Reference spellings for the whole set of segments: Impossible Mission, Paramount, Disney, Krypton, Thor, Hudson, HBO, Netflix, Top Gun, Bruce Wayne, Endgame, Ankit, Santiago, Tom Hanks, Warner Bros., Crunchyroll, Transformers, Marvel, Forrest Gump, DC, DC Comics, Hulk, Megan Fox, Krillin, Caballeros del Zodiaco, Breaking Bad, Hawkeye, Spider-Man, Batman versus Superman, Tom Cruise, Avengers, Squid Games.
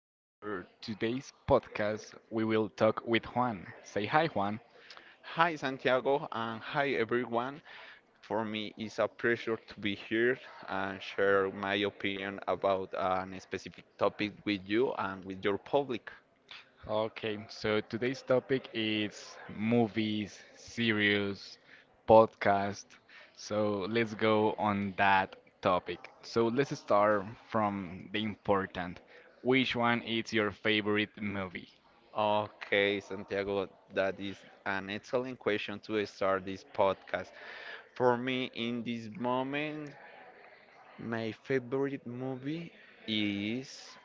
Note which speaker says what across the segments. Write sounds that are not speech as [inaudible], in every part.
Speaker 1: for today's podcast, we will talk with Juan. Say hi, Juan.
Speaker 2: Hi Santiago and hi everyone. For me, it's a pleasure to be here and share my opinion about an specific topic with you and with your public.
Speaker 1: Okay, so today's topic is movies, series, podcast. So let's go on that topic. So let's start from the important. Which one is your favorite movie?
Speaker 2: Okay, Santiago, that is an excellent question to start this podcast. For me, in this moment, my favorite movie is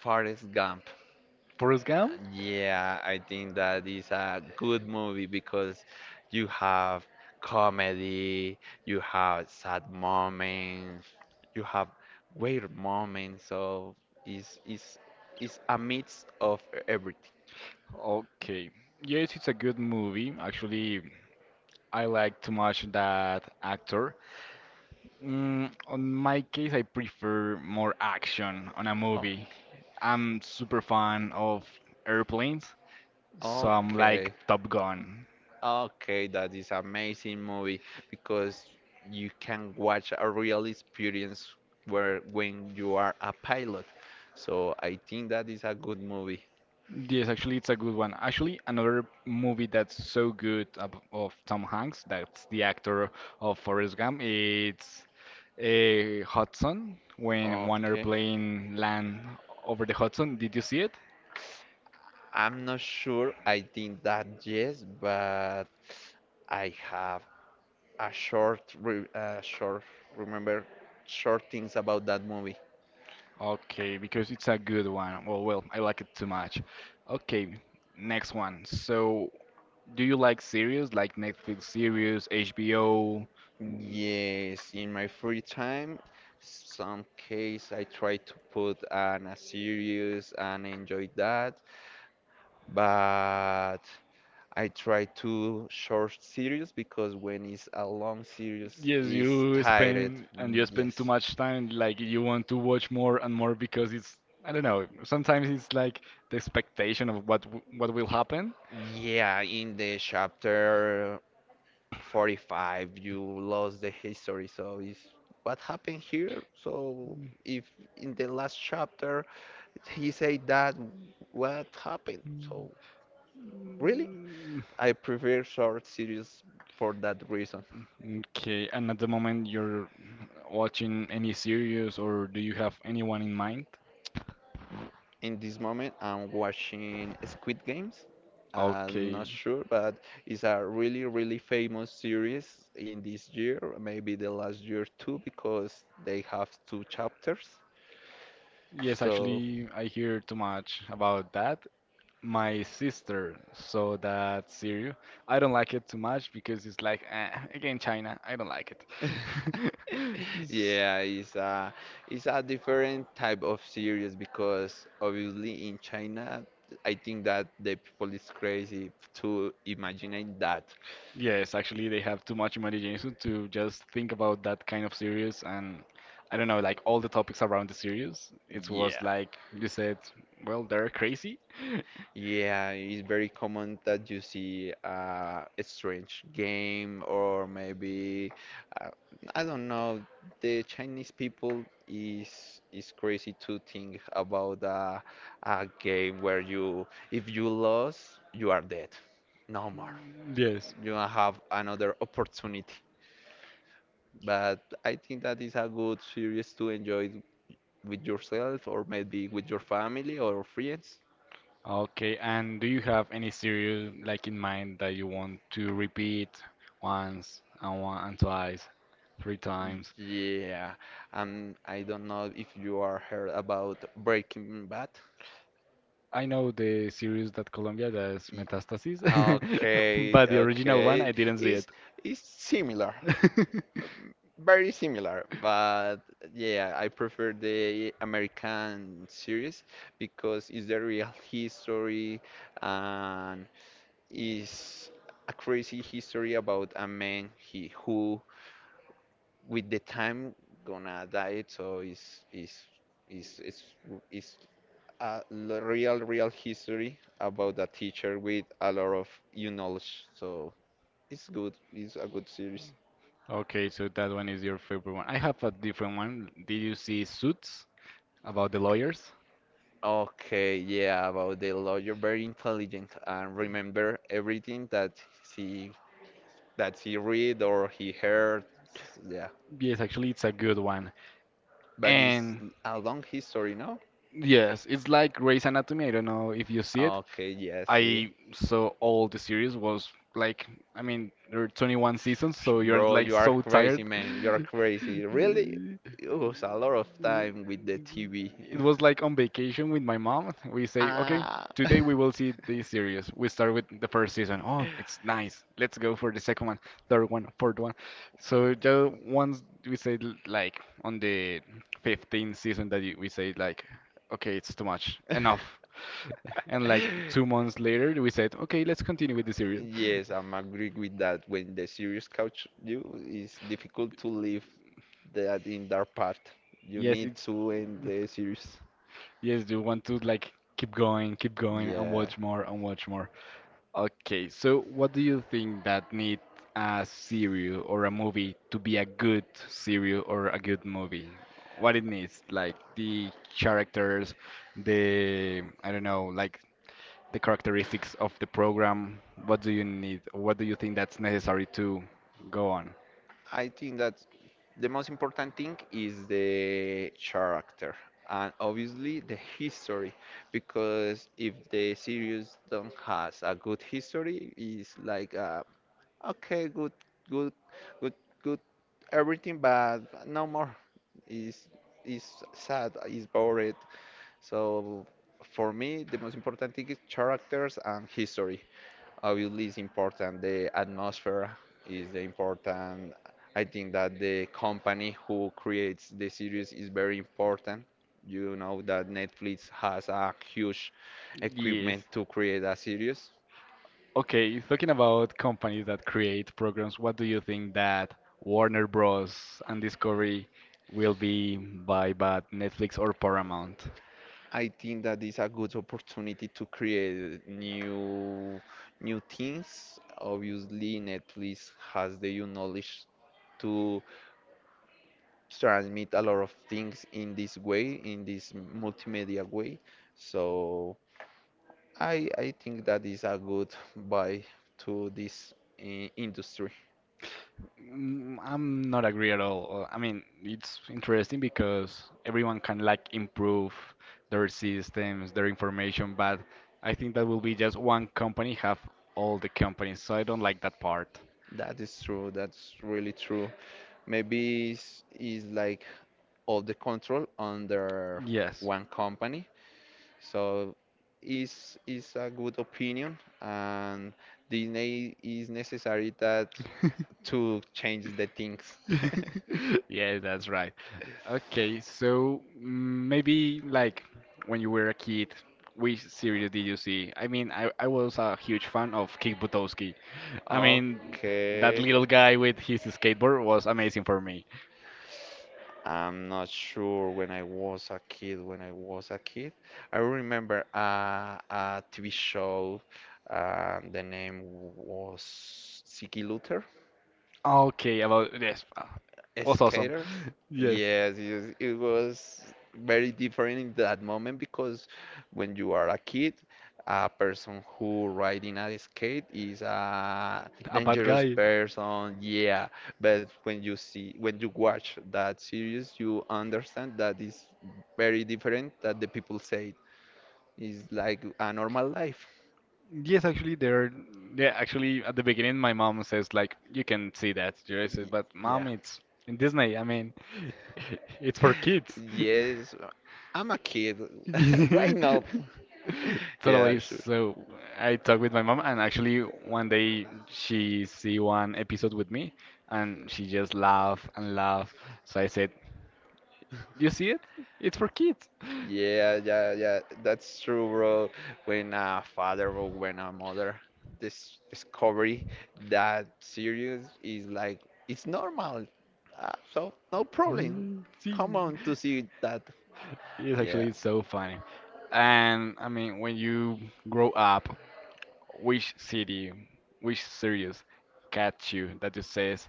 Speaker 2: Forrest Gump.
Speaker 1: Forrest Gump?
Speaker 2: Yeah, I think that is a good movie because you have comedy, you have sad moments, you have weird moments, so it's, it's, it's a mix of everything.
Speaker 1: Okay. Yes, it's a good movie. Actually, I like too much that actor. Mm, on my case, I prefer more action on a
Speaker 2: Oh,
Speaker 1: movie. I'm super fan of airplanes, so I'm like
Speaker 2: okay,
Speaker 1: Top Gun.
Speaker 2: okay, that is amazing movie because you can watch a real experience where when you are a pilot. So I think that is a good movie.
Speaker 1: Yes, actually, it's a good one. Actually, another movie that's so good of Tom Hanks, that's the actor of Forrest Gump, it's Hudson, when one
Speaker 2: Okay.
Speaker 1: airplane land over the Hudson. Did you see it?
Speaker 2: I'm not sure. I think that yes, but I have a short, short, remember, short things about that movie.
Speaker 1: Okay, because it's a good one. Well, I like it too much. Okay, next one. So, do you like series like Netflix series, HBO?
Speaker 2: Yes, in my free time, some case I try to put on a series and enjoy that, but I try to short series because when it's a long series,
Speaker 1: Yes,
Speaker 2: it's
Speaker 1: you
Speaker 2: tired.
Speaker 1: spend and you spend too
Speaker 2: Yes.
Speaker 1: much time. Like you want to watch more and more because it's I don't know. Sometimes it's like the expectation of what will happen.
Speaker 2: Yeah, in the chapter 45, you lost the history. So it's what happened here? So if in the last chapter he said that, what happened? So really,
Speaker 1: Mm,
Speaker 2: I prefer short series for that reason.
Speaker 1: Okay, and at the moment you're watching any series or do you have anyone in mind?
Speaker 2: In this moment, I'm watching Squid Games. I'm not
Speaker 1: Okay.
Speaker 2: sure, but it's a really, really famous series in this year, maybe the last year too, because they have two chapters.
Speaker 1: Yes,
Speaker 2: So
Speaker 1: actually, I hear too much about that. My sister saw that series. I don't like it too much because it's like, eh, again, China. I don't like it.
Speaker 2: [laughs]
Speaker 1: [laughs] S-
Speaker 2: yeah, it's a different type of series because obviously in China, I think that the people is crazy to imagine that.
Speaker 1: Yes, actually, they have too much imagination to just think about that kind of series, and I don't know, like all the topics around the series. It was
Speaker 2: Yeah.
Speaker 1: like you said, well, they're crazy. [laughs]
Speaker 2: Yeah, it's very common that you see a strange game or maybe uh, I don't know. The Chinese people is crazy to think about a game where you if you lose you are dead, no more.
Speaker 1: Yes.
Speaker 2: You don't have another opportunity. But I think that is a good series to enjoy with yourself or maybe with your family or friends.
Speaker 1: Okay, and do you have any series like in mind that you want to repeat once and one and twice, three times?
Speaker 2: Yeah, and I don't know if you are heard about Breaking Bad.
Speaker 1: I know the series that Colombia does
Speaker 2: Y-
Speaker 1: Metastasis, [laughs]
Speaker 2: Okay,
Speaker 1: but the original one I
Speaker 2: okay,
Speaker 1: didn't see it.
Speaker 2: it's it's similar,
Speaker 1: [laughs]
Speaker 2: very similar, but yeah, I prefer the American series because it's the real history and is a crazy history about a man he who with the time gonna die, so it's it's. Is it's a l- real, real history about a teacher with a lot of you knowledge. So it's good. It's a good series.
Speaker 1: Okay, so that one is your favorite one. I have a different one. Did you see Suits about the lawyers?
Speaker 2: Okay, yeah, about the lawyer, very intelligent and remember everything that he he read or he heard. Yeah,
Speaker 1: Yes, actually, it's a good one.
Speaker 2: but it's
Speaker 1: And
Speaker 2: a long history, no?
Speaker 1: yes, it's like Grey's Anatomy. I don't know if you see it.
Speaker 2: Okay, yeah, see.
Speaker 1: I saw all the series. Was like, I mean, there are 21 seasons, so you're
Speaker 2: Bro,
Speaker 1: like
Speaker 2: you are
Speaker 1: so tired.
Speaker 2: crazy, man. You are crazy. Really? It was a lot of time with the TV.
Speaker 1: It
Speaker 2: [laughs]
Speaker 1: was like on vacation with my mom. We say, okay,
Speaker 2: Ah.
Speaker 1: today we will see this series. We start with the first season. Oh, it's nice. Let's go for the second one, third one, fourth one. So just once we say, like, on the 15th season that we say like, okay, it's too much. Enough.
Speaker 2: [laughs]
Speaker 1: [laughs] And like 2 months later, we said, okay, let's continue with the series.
Speaker 2: Yes, I'm agree with that. When the series catch you, it's difficult to leave that in that part. You
Speaker 1: Yes,
Speaker 2: need
Speaker 1: it's
Speaker 2: to end the series.
Speaker 1: yes, you want to like keep going, and
Speaker 2: Yeah.
Speaker 1: watch more and watch more. Okay, so what do you think that need a series or a movie to be a good series or a good movie? What it needs, like the characters, the I don't know, like the characteristics of the program, what do you need? What do you think that's necessary to go on?
Speaker 2: I think that the most important thing is the character and obviously the history, because if the series don't has a good history, it's like okay, good, good, good, good, everything, but no more. Is is sad, is bored. So for me, the most important thing is characters and history. Obviously, it's important the atmosphere, is the important. I think that the company who creates the series is very important. You know that Netflix has a huge
Speaker 1: Yes.
Speaker 2: equipment to create a series.
Speaker 1: Okay, talking about companies that create programs, what do you think that Warner Bros. And Discovery will be by but Netflix or Paramount?
Speaker 2: I think that is a good opportunity to create new things. Obviously, Netflix has the knowledge to transmit a lot of things in this way, in this multimedia way. So I think that is a good buy to this industry.
Speaker 1: Mm, I'm not agree at all. I mean, it's interesting because everyone can like improve their systems, their information, but I think that will be just one company have all the companies, so I don't like that part.
Speaker 2: That is true. That's really true. Maybe is like all the control under
Speaker 1: Yes.
Speaker 2: one company. So is a good opinion, and Disney is necessary that
Speaker 1: [laughs]
Speaker 2: to change the things. [laughs]
Speaker 1: [laughs] Yeah, that's right. Okay, so maybe like when you were a kid, which series did you see? I mean, I was a huge fan of Kick Buttowski. I mean, that
Speaker 2: Okay.
Speaker 1: little guy with his skateboard was amazing for me.
Speaker 2: I'm not sure when I was a kid, when I was a kid. I remember a TV show, the name was Ziggy Luther
Speaker 1: Okay, about yes, was awesome.
Speaker 2: skaters.
Speaker 1: [laughs] Yes,
Speaker 2: Yes, yes, it was very different in that moment, because when you are a kid, a person who riding a skate is a
Speaker 1: a bad
Speaker 2: dangerous
Speaker 1: guy.
Speaker 2: person. Yeah, but when you watch that series, you understand that is very different that the people say, is like a normal life.
Speaker 1: Yes, actually, there. Yeah, actually, at the beginning, my mom says like, "You can see that." I says,
Speaker 2: Y-
Speaker 1: "But mom,
Speaker 2: Yeah.
Speaker 1: it's in Disney. I mean, [laughs] it's for
Speaker 2: [laughs]
Speaker 1: kids."
Speaker 2: Yes, I'm a kid. [laughs] Why
Speaker 1: Yeah. [laughs]
Speaker 2: not? Yeah,
Speaker 1: Totally.
Speaker 2: sure.
Speaker 1: So I talked with my mom, and actually, one day she see one episode with me, and she just laugh and laugh. So I said, "You see it? It's for kids."
Speaker 2: Yeah, yeah, yeah. That's true, bro. When a father or when a mother this discovery that serious is like it's normal. So no problem.
Speaker 1: Mm, see.
Speaker 2: Come on to see that.
Speaker 1: It's
Speaker 2: Yeah.
Speaker 1: actually so funny. And I mean, when you grow up, which city, which series catch you that just says,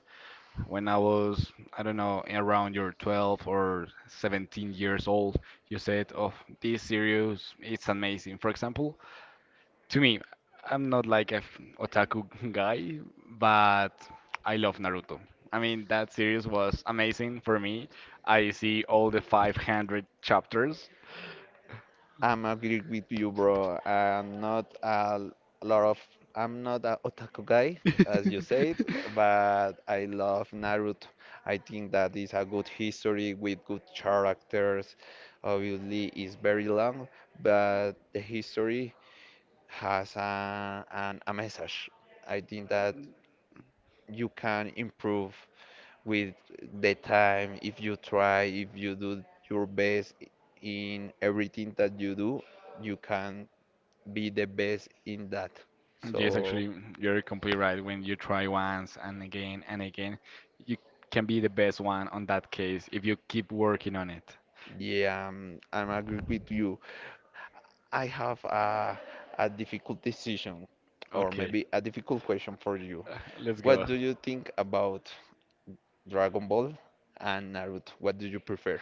Speaker 1: when I was, I don't know, around your 12 or 17 years old, you said, oh, this series, it's amazing. For example, to me, I'm not like a otaku [laughs] guy, but I love Naruto. I mean, that series was amazing for me. I see all the 500 chapters.
Speaker 2: I'm agree with you, bro. Lot of I'm not a otaku guy, as you said,
Speaker 1: [laughs]
Speaker 2: but I love Naruto. I think that is a good history with good characters. Obviously, it's very long, but the history has a message. I think that you can improve with the time if you try, if you do your best in everything that you do, you can be the best in that.
Speaker 1: Yes,
Speaker 2: So
Speaker 1: actually, you're completely right. When you try once and again, you can be the best one on that case if you keep working on it.
Speaker 2: yeah, I'm agree with you. I have a difficult decision, or
Speaker 1: Okay,
Speaker 2: maybe a difficult question for you.
Speaker 1: let's
Speaker 2: What
Speaker 1: go.
Speaker 2: do you think about Dragon Ball and Naruto? What do you prefer?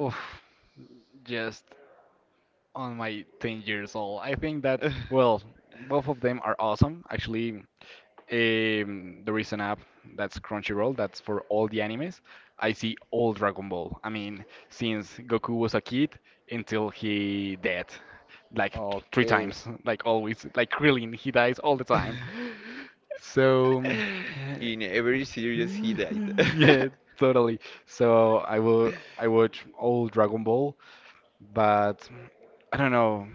Speaker 1: Oof, just on my 10 years old. I think that, well,
Speaker 2: [laughs]
Speaker 1: both of them are awesome. Actually, there is an app that's Crunchyroll that's for all the animes. I see all Dragon Ball. I mean, since Goku was a kid until he dead, like three
Speaker 2: Okay.
Speaker 1: times, [laughs] like always, like Krillin, he dies all the time.
Speaker 2: [laughs]
Speaker 1: So,
Speaker 2: In every
Speaker 1: uh,
Speaker 2: series, he died.
Speaker 1: [laughs] yeah,
Speaker 2: [laughs]
Speaker 1: totally. So I watch all Dragon Ball, but I don't know.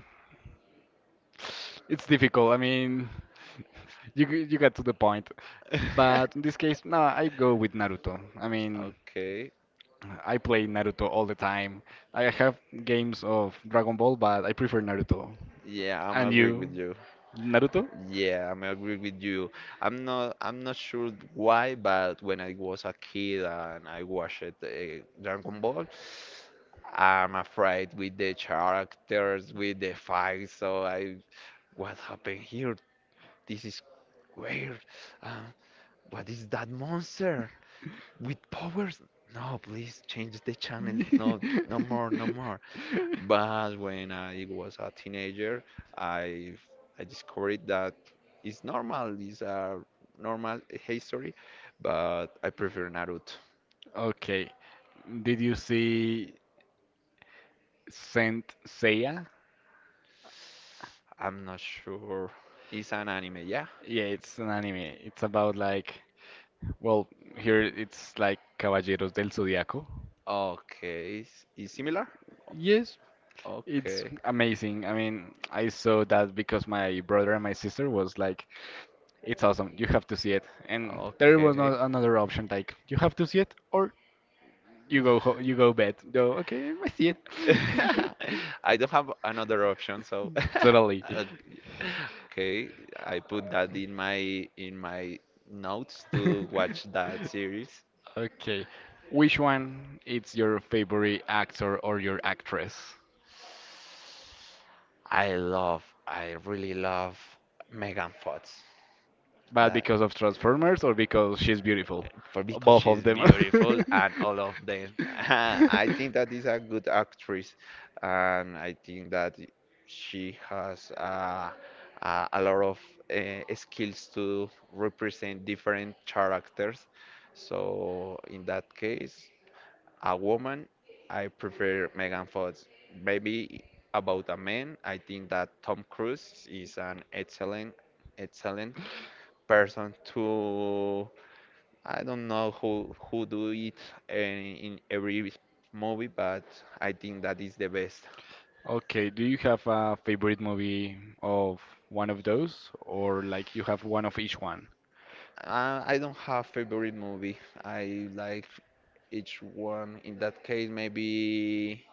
Speaker 1: It's difficult. I mean, [laughs] you got to the point. But in this case, no, I go with Naruto. I mean,
Speaker 2: Okay.
Speaker 1: I play Naruto all the time. I have games of Dragon Ball, but I prefer Naruto.
Speaker 2: Yeah, I'm
Speaker 1: And
Speaker 2: agree with
Speaker 1: you,
Speaker 2: you.
Speaker 1: Naruto?
Speaker 2: Yeah, [laughs] I'm agree with you. I'm not sure why, but when I was a kid and I watched Dragon Ball, I'm afraid with the characters, with the fights. So I, what happened here? This is weird. Uh, what is that monster with powers? No, please change the channel. No, no
Speaker 1: [laughs]
Speaker 2: more, no more. But when I was a teenager, I I discovered that it's normal, it's a normal history, but I prefer Naruto.
Speaker 1: Okay. Did you see Saint Seiya?
Speaker 2: I'm not sure. It's an anime, yeah?
Speaker 1: Yeah, it's an anime. It's about like well, here it's like Caballeros del Zodiaco.
Speaker 2: Okay, is similar?
Speaker 1: Yes, it's
Speaker 2: Okay.
Speaker 1: amazing. I mean, I saw that because my brother and my sister was like, "It's awesome. You have to see it." And there was no
Speaker 2: Okay.
Speaker 1: another option like, "You have to see it or you go bed." Go, "Okay, I see it." [laughs]
Speaker 2: [laughs] I don't have another option, so [laughs]
Speaker 1: Totally.
Speaker 2: Uh, okay, I put that in my notes to watch
Speaker 1: [laughs]
Speaker 2: that series.
Speaker 1: Okay. Which one is your favorite actor or your actress?
Speaker 2: I really love Megan Fox.
Speaker 1: But
Speaker 2: That
Speaker 1: because of Transformers or because she's beautiful?
Speaker 2: for because
Speaker 1: Both of
Speaker 2: she's
Speaker 1: them.
Speaker 2: beautiful
Speaker 1: [laughs]
Speaker 2: and all of them. [laughs] I think that is a good actress, and I think that she has a lot of skills to represent different characters. So in that case, a woman, I prefer Megan Fox. Maybe about a man, I think that Tom Cruise is an excellent, excellent person to. I don't know who do it in, in every movie, but I think that is the best.
Speaker 1: Okay, do you have a favorite movie of one of those, or like you have one of each one?
Speaker 2: I don't have favorite movie. I like each one. In that case, maybe.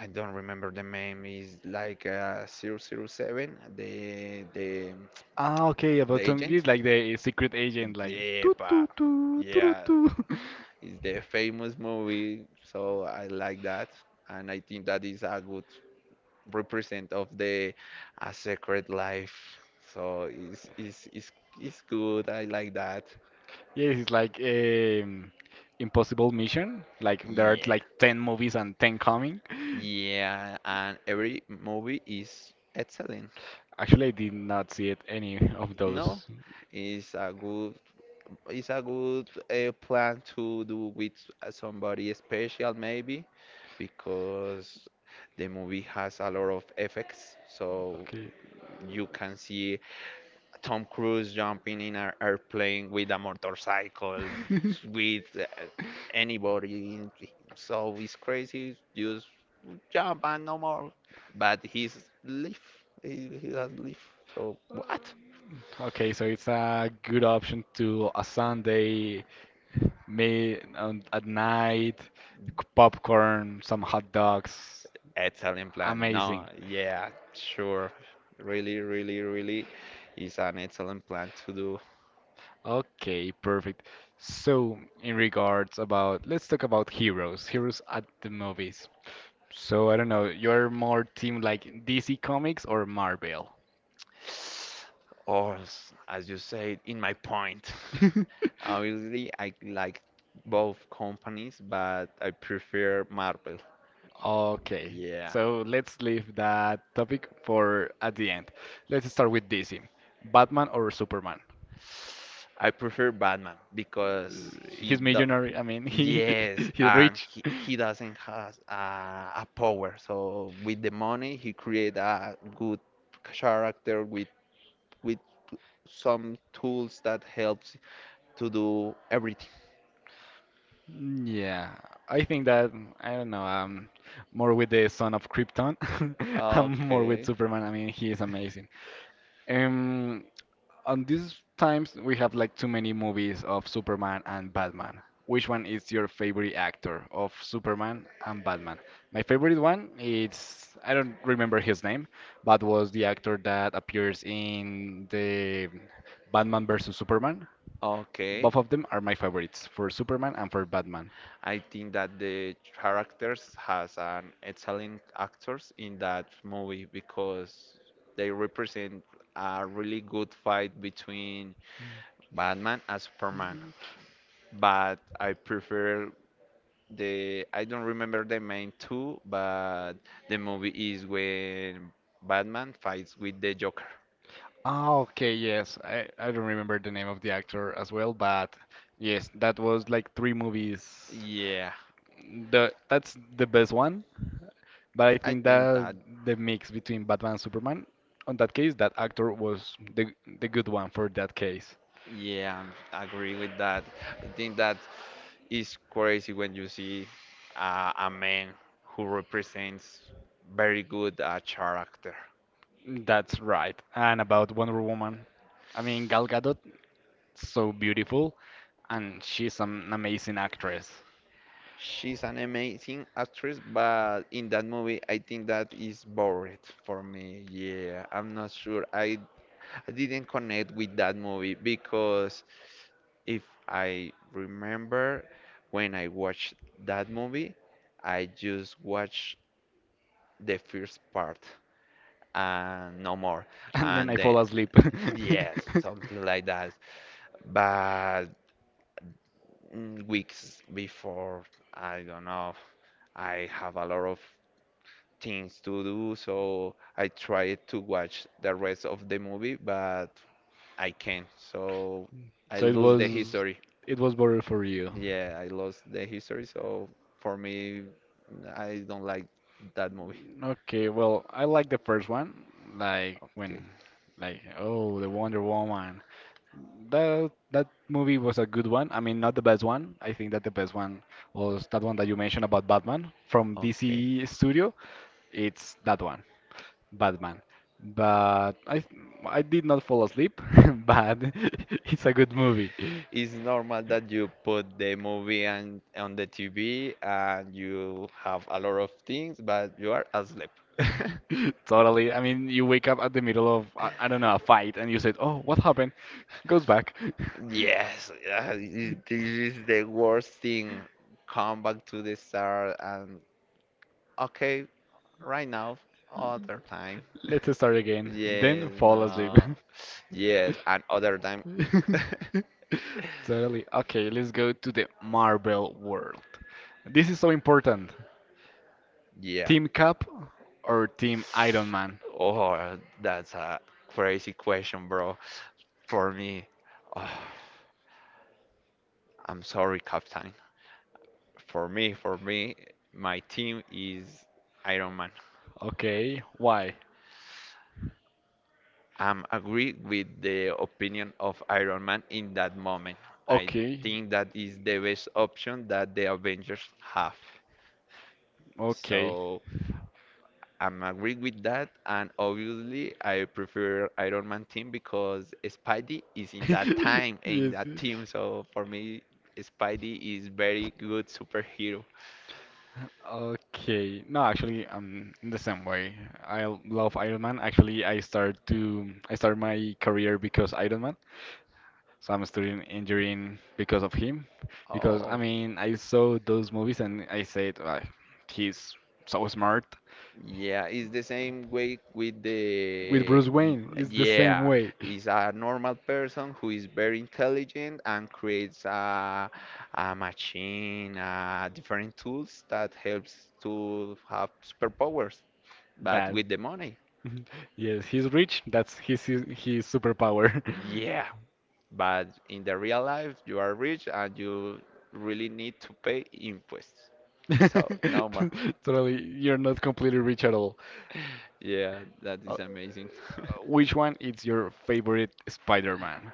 Speaker 2: I don't remember the name. Is like zero zero 007. The the
Speaker 1: Ah, okay,
Speaker 2: The
Speaker 1: about Tongi
Speaker 2: Agent?
Speaker 1: is like the secret agent, like
Speaker 2: Yeah,
Speaker 1: toot
Speaker 2: pa.
Speaker 1: toot toot toot
Speaker 2: Yeah,
Speaker 1: toot. [laughs]
Speaker 2: it's the famous movie, so I like that, and I think that is a good represent of the a secret life. So it's good. I like that.
Speaker 1: Yes, it's like Impossible Mission. Like there are
Speaker 2: Yeah,
Speaker 1: like 10 movies and 10 coming.
Speaker 2: yeah, and every movie is excellent.
Speaker 1: Actually, I did not see it any of
Speaker 2: No,
Speaker 1: those.
Speaker 2: it's a good it's a good plan to do with somebody special maybe, because the movie has a lot of effects. So
Speaker 1: Okay.
Speaker 2: you can see Tom Cruise jumping in an airplane with a motorcycle,
Speaker 1: [laughs]
Speaker 2: with anybody. So it's crazy. Just jump and no more. But he's leaf. He has leaf. So what?
Speaker 1: Okay, so it's a good option to a Sunday, made on, at night, c- popcorn, some hot dogs.
Speaker 2: Excellent plan. No,
Speaker 1: Amazing.
Speaker 2: yeah, sure. Really, really, really is an excellent plan to do.
Speaker 1: Okay, perfect. So, in regards about, let's talk about heroes, heroes at the movies. So, I don't know, you're more team like DC Comics or Marvel?
Speaker 2: Or, as you said, in my point. [laughs]
Speaker 1: [laughs]
Speaker 2: Obviously, I like both companies, but I prefer Marvel.
Speaker 1: Okay,
Speaker 2: Yeah.
Speaker 1: so let's leave that topic for at the end. Let's start with DC. Batman or Superman?
Speaker 2: I prefer Batman because
Speaker 1: Uh,
Speaker 2: he
Speaker 1: He's
Speaker 2: do,
Speaker 1: millionaire. I mean, he
Speaker 2: yes,
Speaker 1: [laughs] he's
Speaker 2: and
Speaker 1: rich.
Speaker 2: he doesn't has a power. So with the money, he create a good character with with some tools that helps to do everything.
Speaker 1: Yeah, I think that I don't know. I'm more with the son of Krypton. [laughs] I'm more with
Speaker 2: Okay,
Speaker 1: Superman. I mean, he is amazing. Um, On these times, we have like too many movies of Superman and Batman. Which one is your favorite actor of Superman and Batman? My favorite one is I don't remember his name, but was the actor that appears in the Batman versus Superman.
Speaker 2: okay.
Speaker 1: Both of them are my favorites for Superman and for Batman.
Speaker 2: I think that the characters has an excellent actors in that movie, because they represent a really good fight between Batman and Superman. But I prefer the I don't remember the name too, but the movie is when Batman fights with the Joker.
Speaker 1: Ah, okay, yes. I don't remember the name of the actor as well, but yes, that was like three movies.
Speaker 2: Yeah,
Speaker 1: The That's the best one, but I
Speaker 2: I
Speaker 1: think
Speaker 2: think
Speaker 1: that
Speaker 2: that
Speaker 1: the mix between Batman and Superman, on that case, that actor was the good one for that case.
Speaker 2: Yeah, I agree with that. I think that is crazy when you see a man who represents very good character.
Speaker 1: That's right. And about Wonder Woman, I mean Gal Gadot, so beautiful, and she's an amazing actress. [laughs]
Speaker 2: She's an amazing actress, but in that movie, I think that is boring for me. Yeah, I'm not sure. I didn't connect with that movie because if I remember when I watched that movie, I just watched the first part and no more.
Speaker 1: And then
Speaker 2: And
Speaker 1: I
Speaker 2: then,
Speaker 1: fall asleep.
Speaker 2: yes,
Speaker 1: [laughs]
Speaker 2: something like that. But weeks before, I don't know, I have a lot of things to do, so I tried to watch the rest of the movie, but I can't. So I
Speaker 1: So
Speaker 2: lose the history.
Speaker 1: it was better for you.
Speaker 2: Yeah, I lost the history, so for me, I don't like that movie.
Speaker 1: Okay, well, I like the first one, like when,
Speaker 2: Okay,
Speaker 1: like oh, the Wonder Woman, that movie was a good one. I mean, not the best one. I think that the best one was that one that you mentioned about Batman from
Speaker 2: okay.
Speaker 1: DC Studio. It's that one, Batman. But I did not fall asleep, [laughs] but [laughs] it's a good movie. [laughs]
Speaker 2: It's normal that you put the movie and on the TV and you have a lot of things, but you are asleep. [laughs]
Speaker 1: Totally. I mean, you wake up at the middle of I don't know, a fight and you said, "Oh, what happened?" Goes back.
Speaker 2: Yes, this
Speaker 1: [laughs]
Speaker 2: is the worst thing. Come back to the start and okay, right now, other time. [laughs]
Speaker 1: Let's start again.
Speaker 2: Yes,
Speaker 1: Then fall asleep.
Speaker 2: no. Yes, and other time.
Speaker 1: [laughs]
Speaker 2: [laughs]
Speaker 1: [laughs] Totally. Okay, let's go to the Marvel world. This is so important.
Speaker 2: Yeah.
Speaker 1: Team Cap or Team Iron Man?
Speaker 2: Oh, that's a crazy question, bro. For me, oh. I'm sorry, Captain. For me, my team is Iron Man.
Speaker 1: Okay, why?
Speaker 2: I'm agree with the opinion of Iron Man in that moment. I
Speaker 1: Okay,
Speaker 2: think that is the best option that the Avengers have.
Speaker 1: okay.
Speaker 2: So I'm agree with that, and obviously I prefer Iron Man team because Spidey is in that
Speaker 1: [laughs]
Speaker 2: time in
Speaker 1: Yes.
Speaker 2: that team. So for me, Spidey is very good superhero.
Speaker 1: Okay. No, actually, I'm in the same way. I love Iron Man. Actually, I start my career because Iron Man. So I'm studying engineering because of him. Because I
Speaker 2: Oh.
Speaker 1: mean, I saw those movies and I said, "Ah, he's so smart."
Speaker 2: Yeah, it's the same way with
Speaker 1: With
Speaker 2: the.
Speaker 1: Bruce Wayne, it's the same
Speaker 2: Yeah,
Speaker 1: way.
Speaker 2: is a normal person who is very intelligent and creates a machine, different tools that helps to have superpowers, but
Speaker 1: That,
Speaker 2: with the money.
Speaker 1: [laughs] yes, he's rich. That's his, his superpower.
Speaker 2: Yeah, but in the real life, you are rich and you really need to pay imposts. So,
Speaker 1: [laughs]
Speaker 2: no more.
Speaker 1: Totally, you're not completely rich at all.
Speaker 2: Yeah, that
Speaker 1: Uh, uh,
Speaker 2: is amazing. [laughs]
Speaker 1: which one is your favorite Spider-Man?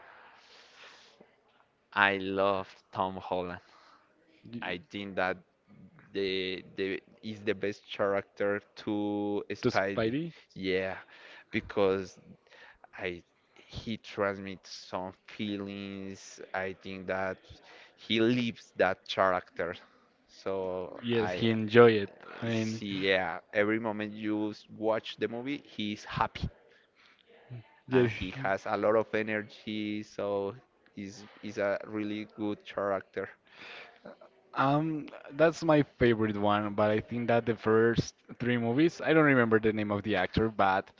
Speaker 2: I love Tom Holland.
Speaker 1: Y-
Speaker 2: I think that the is the best character to
Speaker 1: To
Speaker 2: Spidey.
Speaker 1: Spidey?
Speaker 2: Yeah, because I he transmits some feelings. I think that he lives that character. So
Speaker 1: Yes,
Speaker 2: I
Speaker 1: he enjoy it. I mean,
Speaker 2: see, yeah, every moment you watch the movie, he's happy and
Speaker 1: yes.
Speaker 2: he has a lot of energy. So he's is a really good character.
Speaker 1: Um, that's my favorite one, but I think that the first three movies, I don't remember the name of the actor, but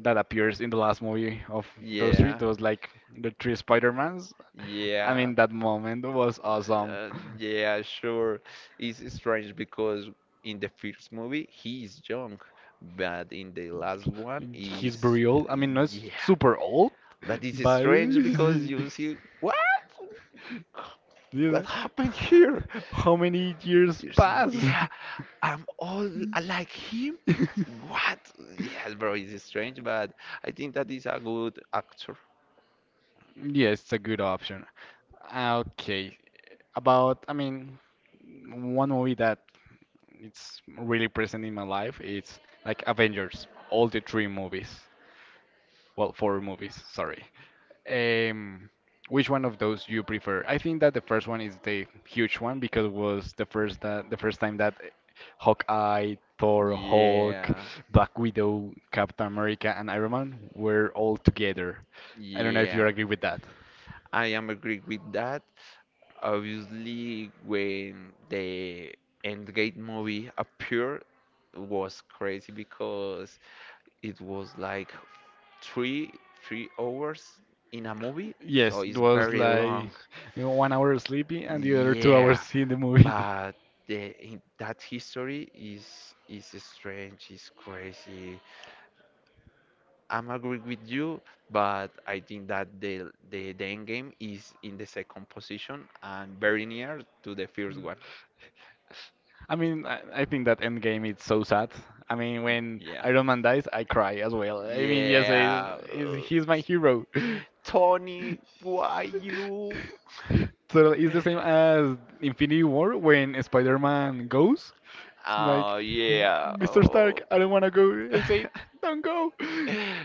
Speaker 1: that appears in the last movie of those three,
Speaker 2: Yeah,
Speaker 1: those like the three Spider-Mans. I
Speaker 2: yeah.
Speaker 1: mean, that moment was awesome.
Speaker 2: Uh, yeah, sure. It's strange because in the first movie he is young, but in the last one
Speaker 1: His
Speaker 2: is
Speaker 1: burial, I mean, not
Speaker 2: yeah.
Speaker 1: super old,
Speaker 2: But it's
Speaker 1: but
Speaker 2: strange
Speaker 1: [laughs]
Speaker 2: because you see
Speaker 1: yeah.
Speaker 2: what happened here?
Speaker 1: [laughs] How many years
Speaker 2: You see,
Speaker 1: pass?
Speaker 2: yeah, I'm all like him.
Speaker 1: [laughs]
Speaker 2: What? Yes, bro, it's strange, but I think that is a good actor.
Speaker 1: Yeah, it's a good option. Ah, okay. About, I mean, one movie that it's really present in my life it's like Avengers, all the three movies. Well, four movies, sorry. Um, which one of those you prefer? I think that the first one is the huge one because it was the first time that Hawkeye, Thor, Hulk,
Speaker 2: Yeah,
Speaker 1: Black Widow, Captain America, and Iron Man were all together. I don't know if you
Speaker 2: yeah.
Speaker 1: agree with that.
Speaker 2: I am agree with that. Obviously, when the Endgame movie appeared, it was crazy because it was like three three hours in a movie, so
Speaker 1: Yes, it
Speaker 2: it's
Speaker 1: was
Speaker 2: very
Speaker 1: like, you
Speaker 2: long.
Speaker 1: know, 1 hour sleepy and the other 2 hours [laughs]
Speaker 2: Yeah,
Speaker 1: seeing the movie.
Speaker 2: but the in that history is strange, is crazy. I'm agree with you, but I think that the end game is in the second position and very near to the first one.
Speaker 1: [laughs] I mean, I think that Endgame is so sad. I mean, when
Speaker 2: Yeah.
Speaker 1: Iron Man dies, I cry as well. I mean, yes, I,
Speaker 2: Yeah.
Speaker 1: is he's my hero. [laughs]
Speaker 2: Tony, why you? [laughs]
Speaker 1: So it's the same as Infinity War when Spider-Man goes. It's like,
Speaker 2: Oh yeah.
Speaker 1: Mr. Stark,
Speaker 2: Oh.
Speaker 1: I don't want to go.
Speaker 2: [laughs]
Speaker 1: I say, don't go.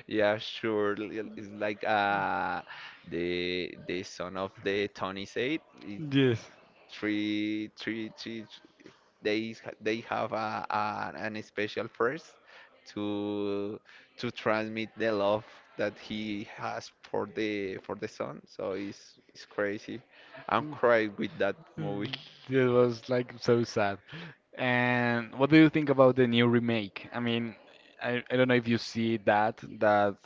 Speaker 2: Yeah, sure. It's like the son of the Tony said. It's
Speaker 1: [laughs] Yes.
Speaker 2: three, they they have a an special first to to transmit the love that he has for the son. So it's crazy. I'm
Speaker 1: Mm.
Speaker 2: crying with that movie.
Speaker 1: Mm. It was like so sad. And what do you think about the new remake? I mean, I don't know if you see that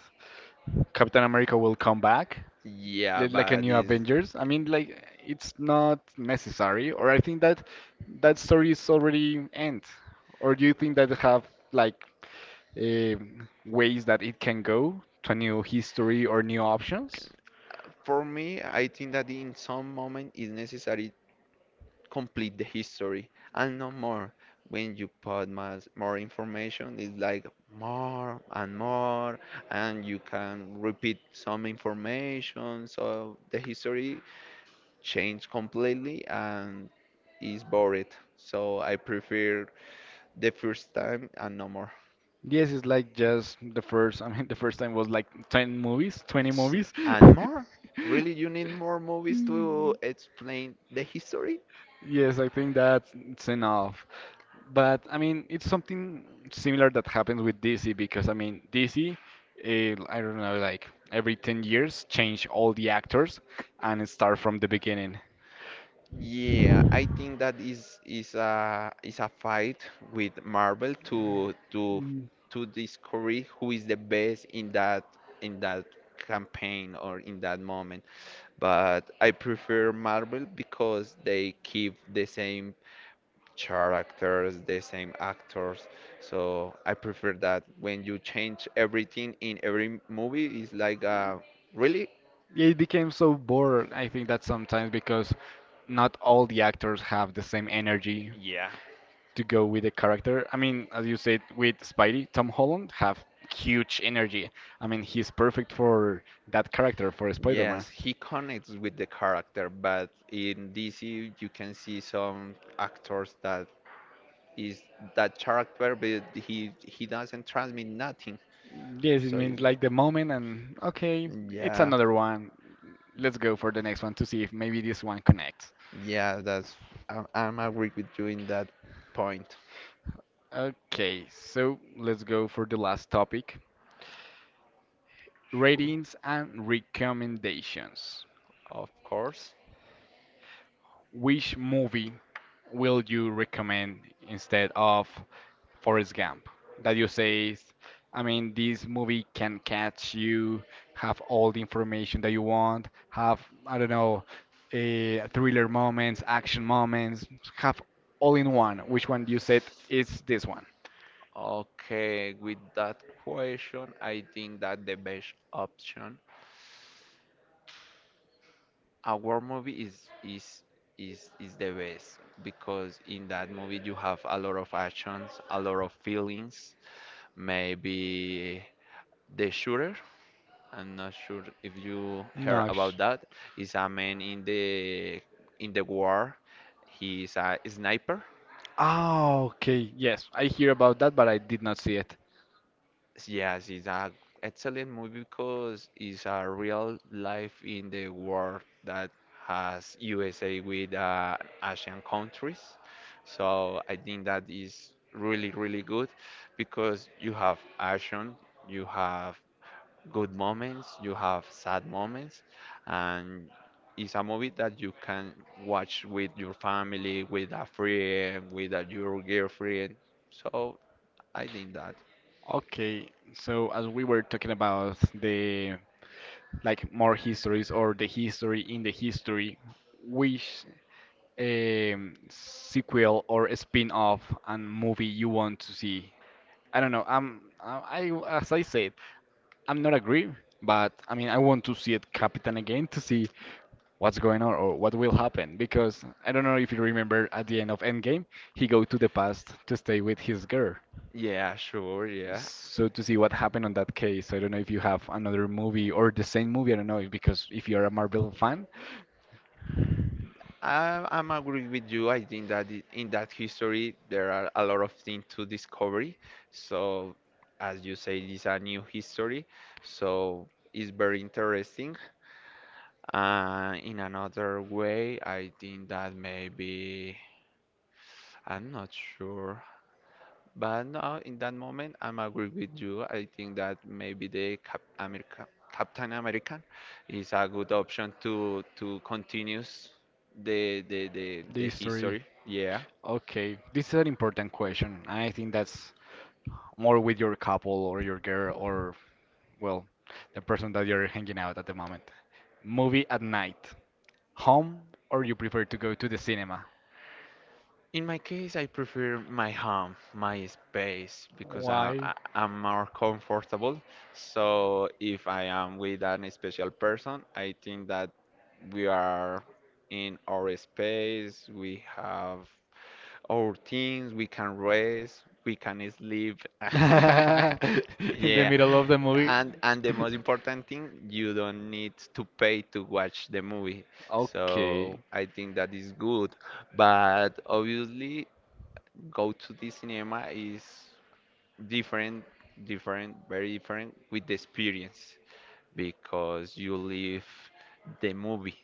Speaker 1: Captain America will come back,
Speaker 2: Yeah,
Speaker 1: like a
Speaker 2: but
Speaker 1: new
Speaker 2: it's
Speaker 1: Avengers. I mean, like it's not necessary, or I think that that story is already end. Or do you think that have like eh, ways that it can go to a new history or new options?
Speaker 2: for me, I think that in some moment it's necessary complete the history and no more. When you put more information, it's like more and more, and you can repeat some information. So the history changed completely and is boring. So I prefer the first time and no more.
Speaker 1: Yes, it's like just the first, I mean, [laughs] the first time was like 10 movies, 20
Speaker 2: S-
Speaker 1: movies. [laughs]
Speaker 2: And more? Really, you need more movies to explain the history?
Speaker 1: Yes, I think that's it's enough. But I mean, it's something similar that happens with DC because I mean, DC, I don't know, like every 10 years change all the actors and start from the beginning.
Speaker 2: Yeah, I think that is a fight with Marvel
Speaker 1: Mm.
Speaker 2: to discover who is the best in that campaign or in that moment. But I prefer Marvel because they keep the same characters, the same actors. So I prefer that when you change everything in every movie, it's like really?
Speaker 1: Yeah, it became so bored. I think that sometimes because not all the actors have the same energy
Speaker 2: Yeah.
Speaker 1: to go with the character. I mean, as you said with Spidey, Tom Holland have huge energy. I mean, he's perfect for that character for Spider-Man.
Speaker 2: Yes, he connects with the character, but in DC you can see some actors that is that character, but he doesn't transmit nothing.
Speaker 1: Yes, it
Speaker 2: So
Speaker 1: means
Speaker 2: it's,
Speaker 1: like the moment and okay, it's
Speaker 2: yeah,
Speaker 1: another one. Let's go for the next one to see if maybe this one connects.
Speaker 2: yeah, that's I'm, agree with you in that point.
Speaker 1: Okay, so let's go for the last topic,
Speaker 2: Sure,
Speaker 1: ratings and recommendations.
Speaker 2: of course.
Speaker 1: Which movie will you recommend instead of Forrest Gump? That you say, I mean, this movie can catch you, have all the information that you want, have, I don't know, thriller moments, action moments, have all in one. Which one you said is this one?
Speaker 2: Okay, with that question, I think that the best option a war movie is is is the best because in that movie you have a lot of actions, a lot of feelings. Maybe the shooter, I'm not sure if you heard
Speaker 1: No.
Speaker 2: about
Speaker 1: sh-
Speaker 2: that, is a man in the war. He's a sniper.
Speaker 1: Ah, okay. Yes, I hear about that, but I did not see it.
Speaker 2: Yes, it's a excellent movie because it's a real life in the world that has USA with Asian countries. So I think that is really, really good because you have action, you have good moments, you have sad moments, and it's a movie that you can watch with your family, with a friend, with your girlfriend. So I think that.
Speaker 1: Okay, so as we were talking about the like more histories or the history in the history, which sequel or a spin-off and movie you want to see? I don't know. As I said, I'm not agree, but I mean I want to see it Capitan again to see what's going on or what will happen because I don't know if you remember at the end of Endgame, he go to the past to stay with his girl.
Speaker 2: Yeah, sure, yeah.
Speaker 1: So to see what happened on that case, I don't know if you have another movie or the same movie, I don't know, because if you're a Marvel fan,
Speaker 2: I'm agree with you. I think that in that history there are a lot of things to discover. So, as you say, it's a new history. So it's very interesting. In another way, I think that maybe I'm not sure, but no, in that moment, I'm agree with you. I think that maybe the Cap America, Captain American is a good option to continues the
Speaker 1: the story.
Speaker 2: history. Yeah.
Speaker 1: Okay, this is an important question. I think that's more with your couple or your girl or, well, the person that you're hanging out at the moment. Movie at night. Home or you prefer to go to the cinema?
Speaker 2: In my case, I prefer my home, my space, because
Speaker 1: Why?
Speaker 2: I'm more comfortable. So if I am with an special person, I think that we are in our space, we have our things, we can rest, we can sleep. [laughs]
Speaker 1: [laughs] In the
Speaker 2: Yeah.
Speaker 1: middle of the movie?
Speaker 2: And the
Speaker 1: [laughs]
Speaker 2: most important thing, you don't need to pay to watch the movie.
Speaker 1: Okay.
Speaker 2: So I think that is good. But obviously, go to the cinema is different, different, very different with the experience because you live the movie.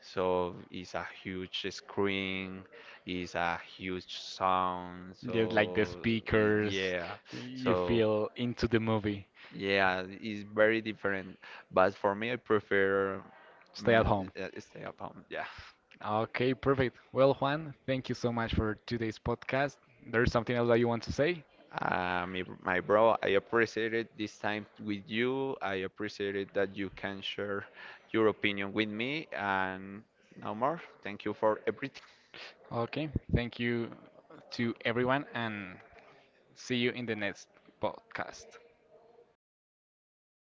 Speaker 2: So it's a huge screen, it's a huge sound.
Speaker 1: Just like the
Speaker 2: So
Speaker 1: speakers,
Speaker 2: yeah,
Speaker 1: you
Speaker 2: so
Speaker 1: feel into the movie.
Speaker 2: yeah, it's very different. But for me, I prefer
Speaker 1: Stay at
Speaker 2: mm,
Speaker 1: home.
Speaker 2: stay at home. Yeah.
Speaker 1: Okay, perfect. Well, Juan, thank you so much for today's podcast. There's something else that you want to say?
Speaker 2: My bro, I appreciated this time with you. I appreciated that you can share your opinion with me. And no more. Thank you for everything.
Speaker 1: Okay, thank you to everyone and see you in the next podcast.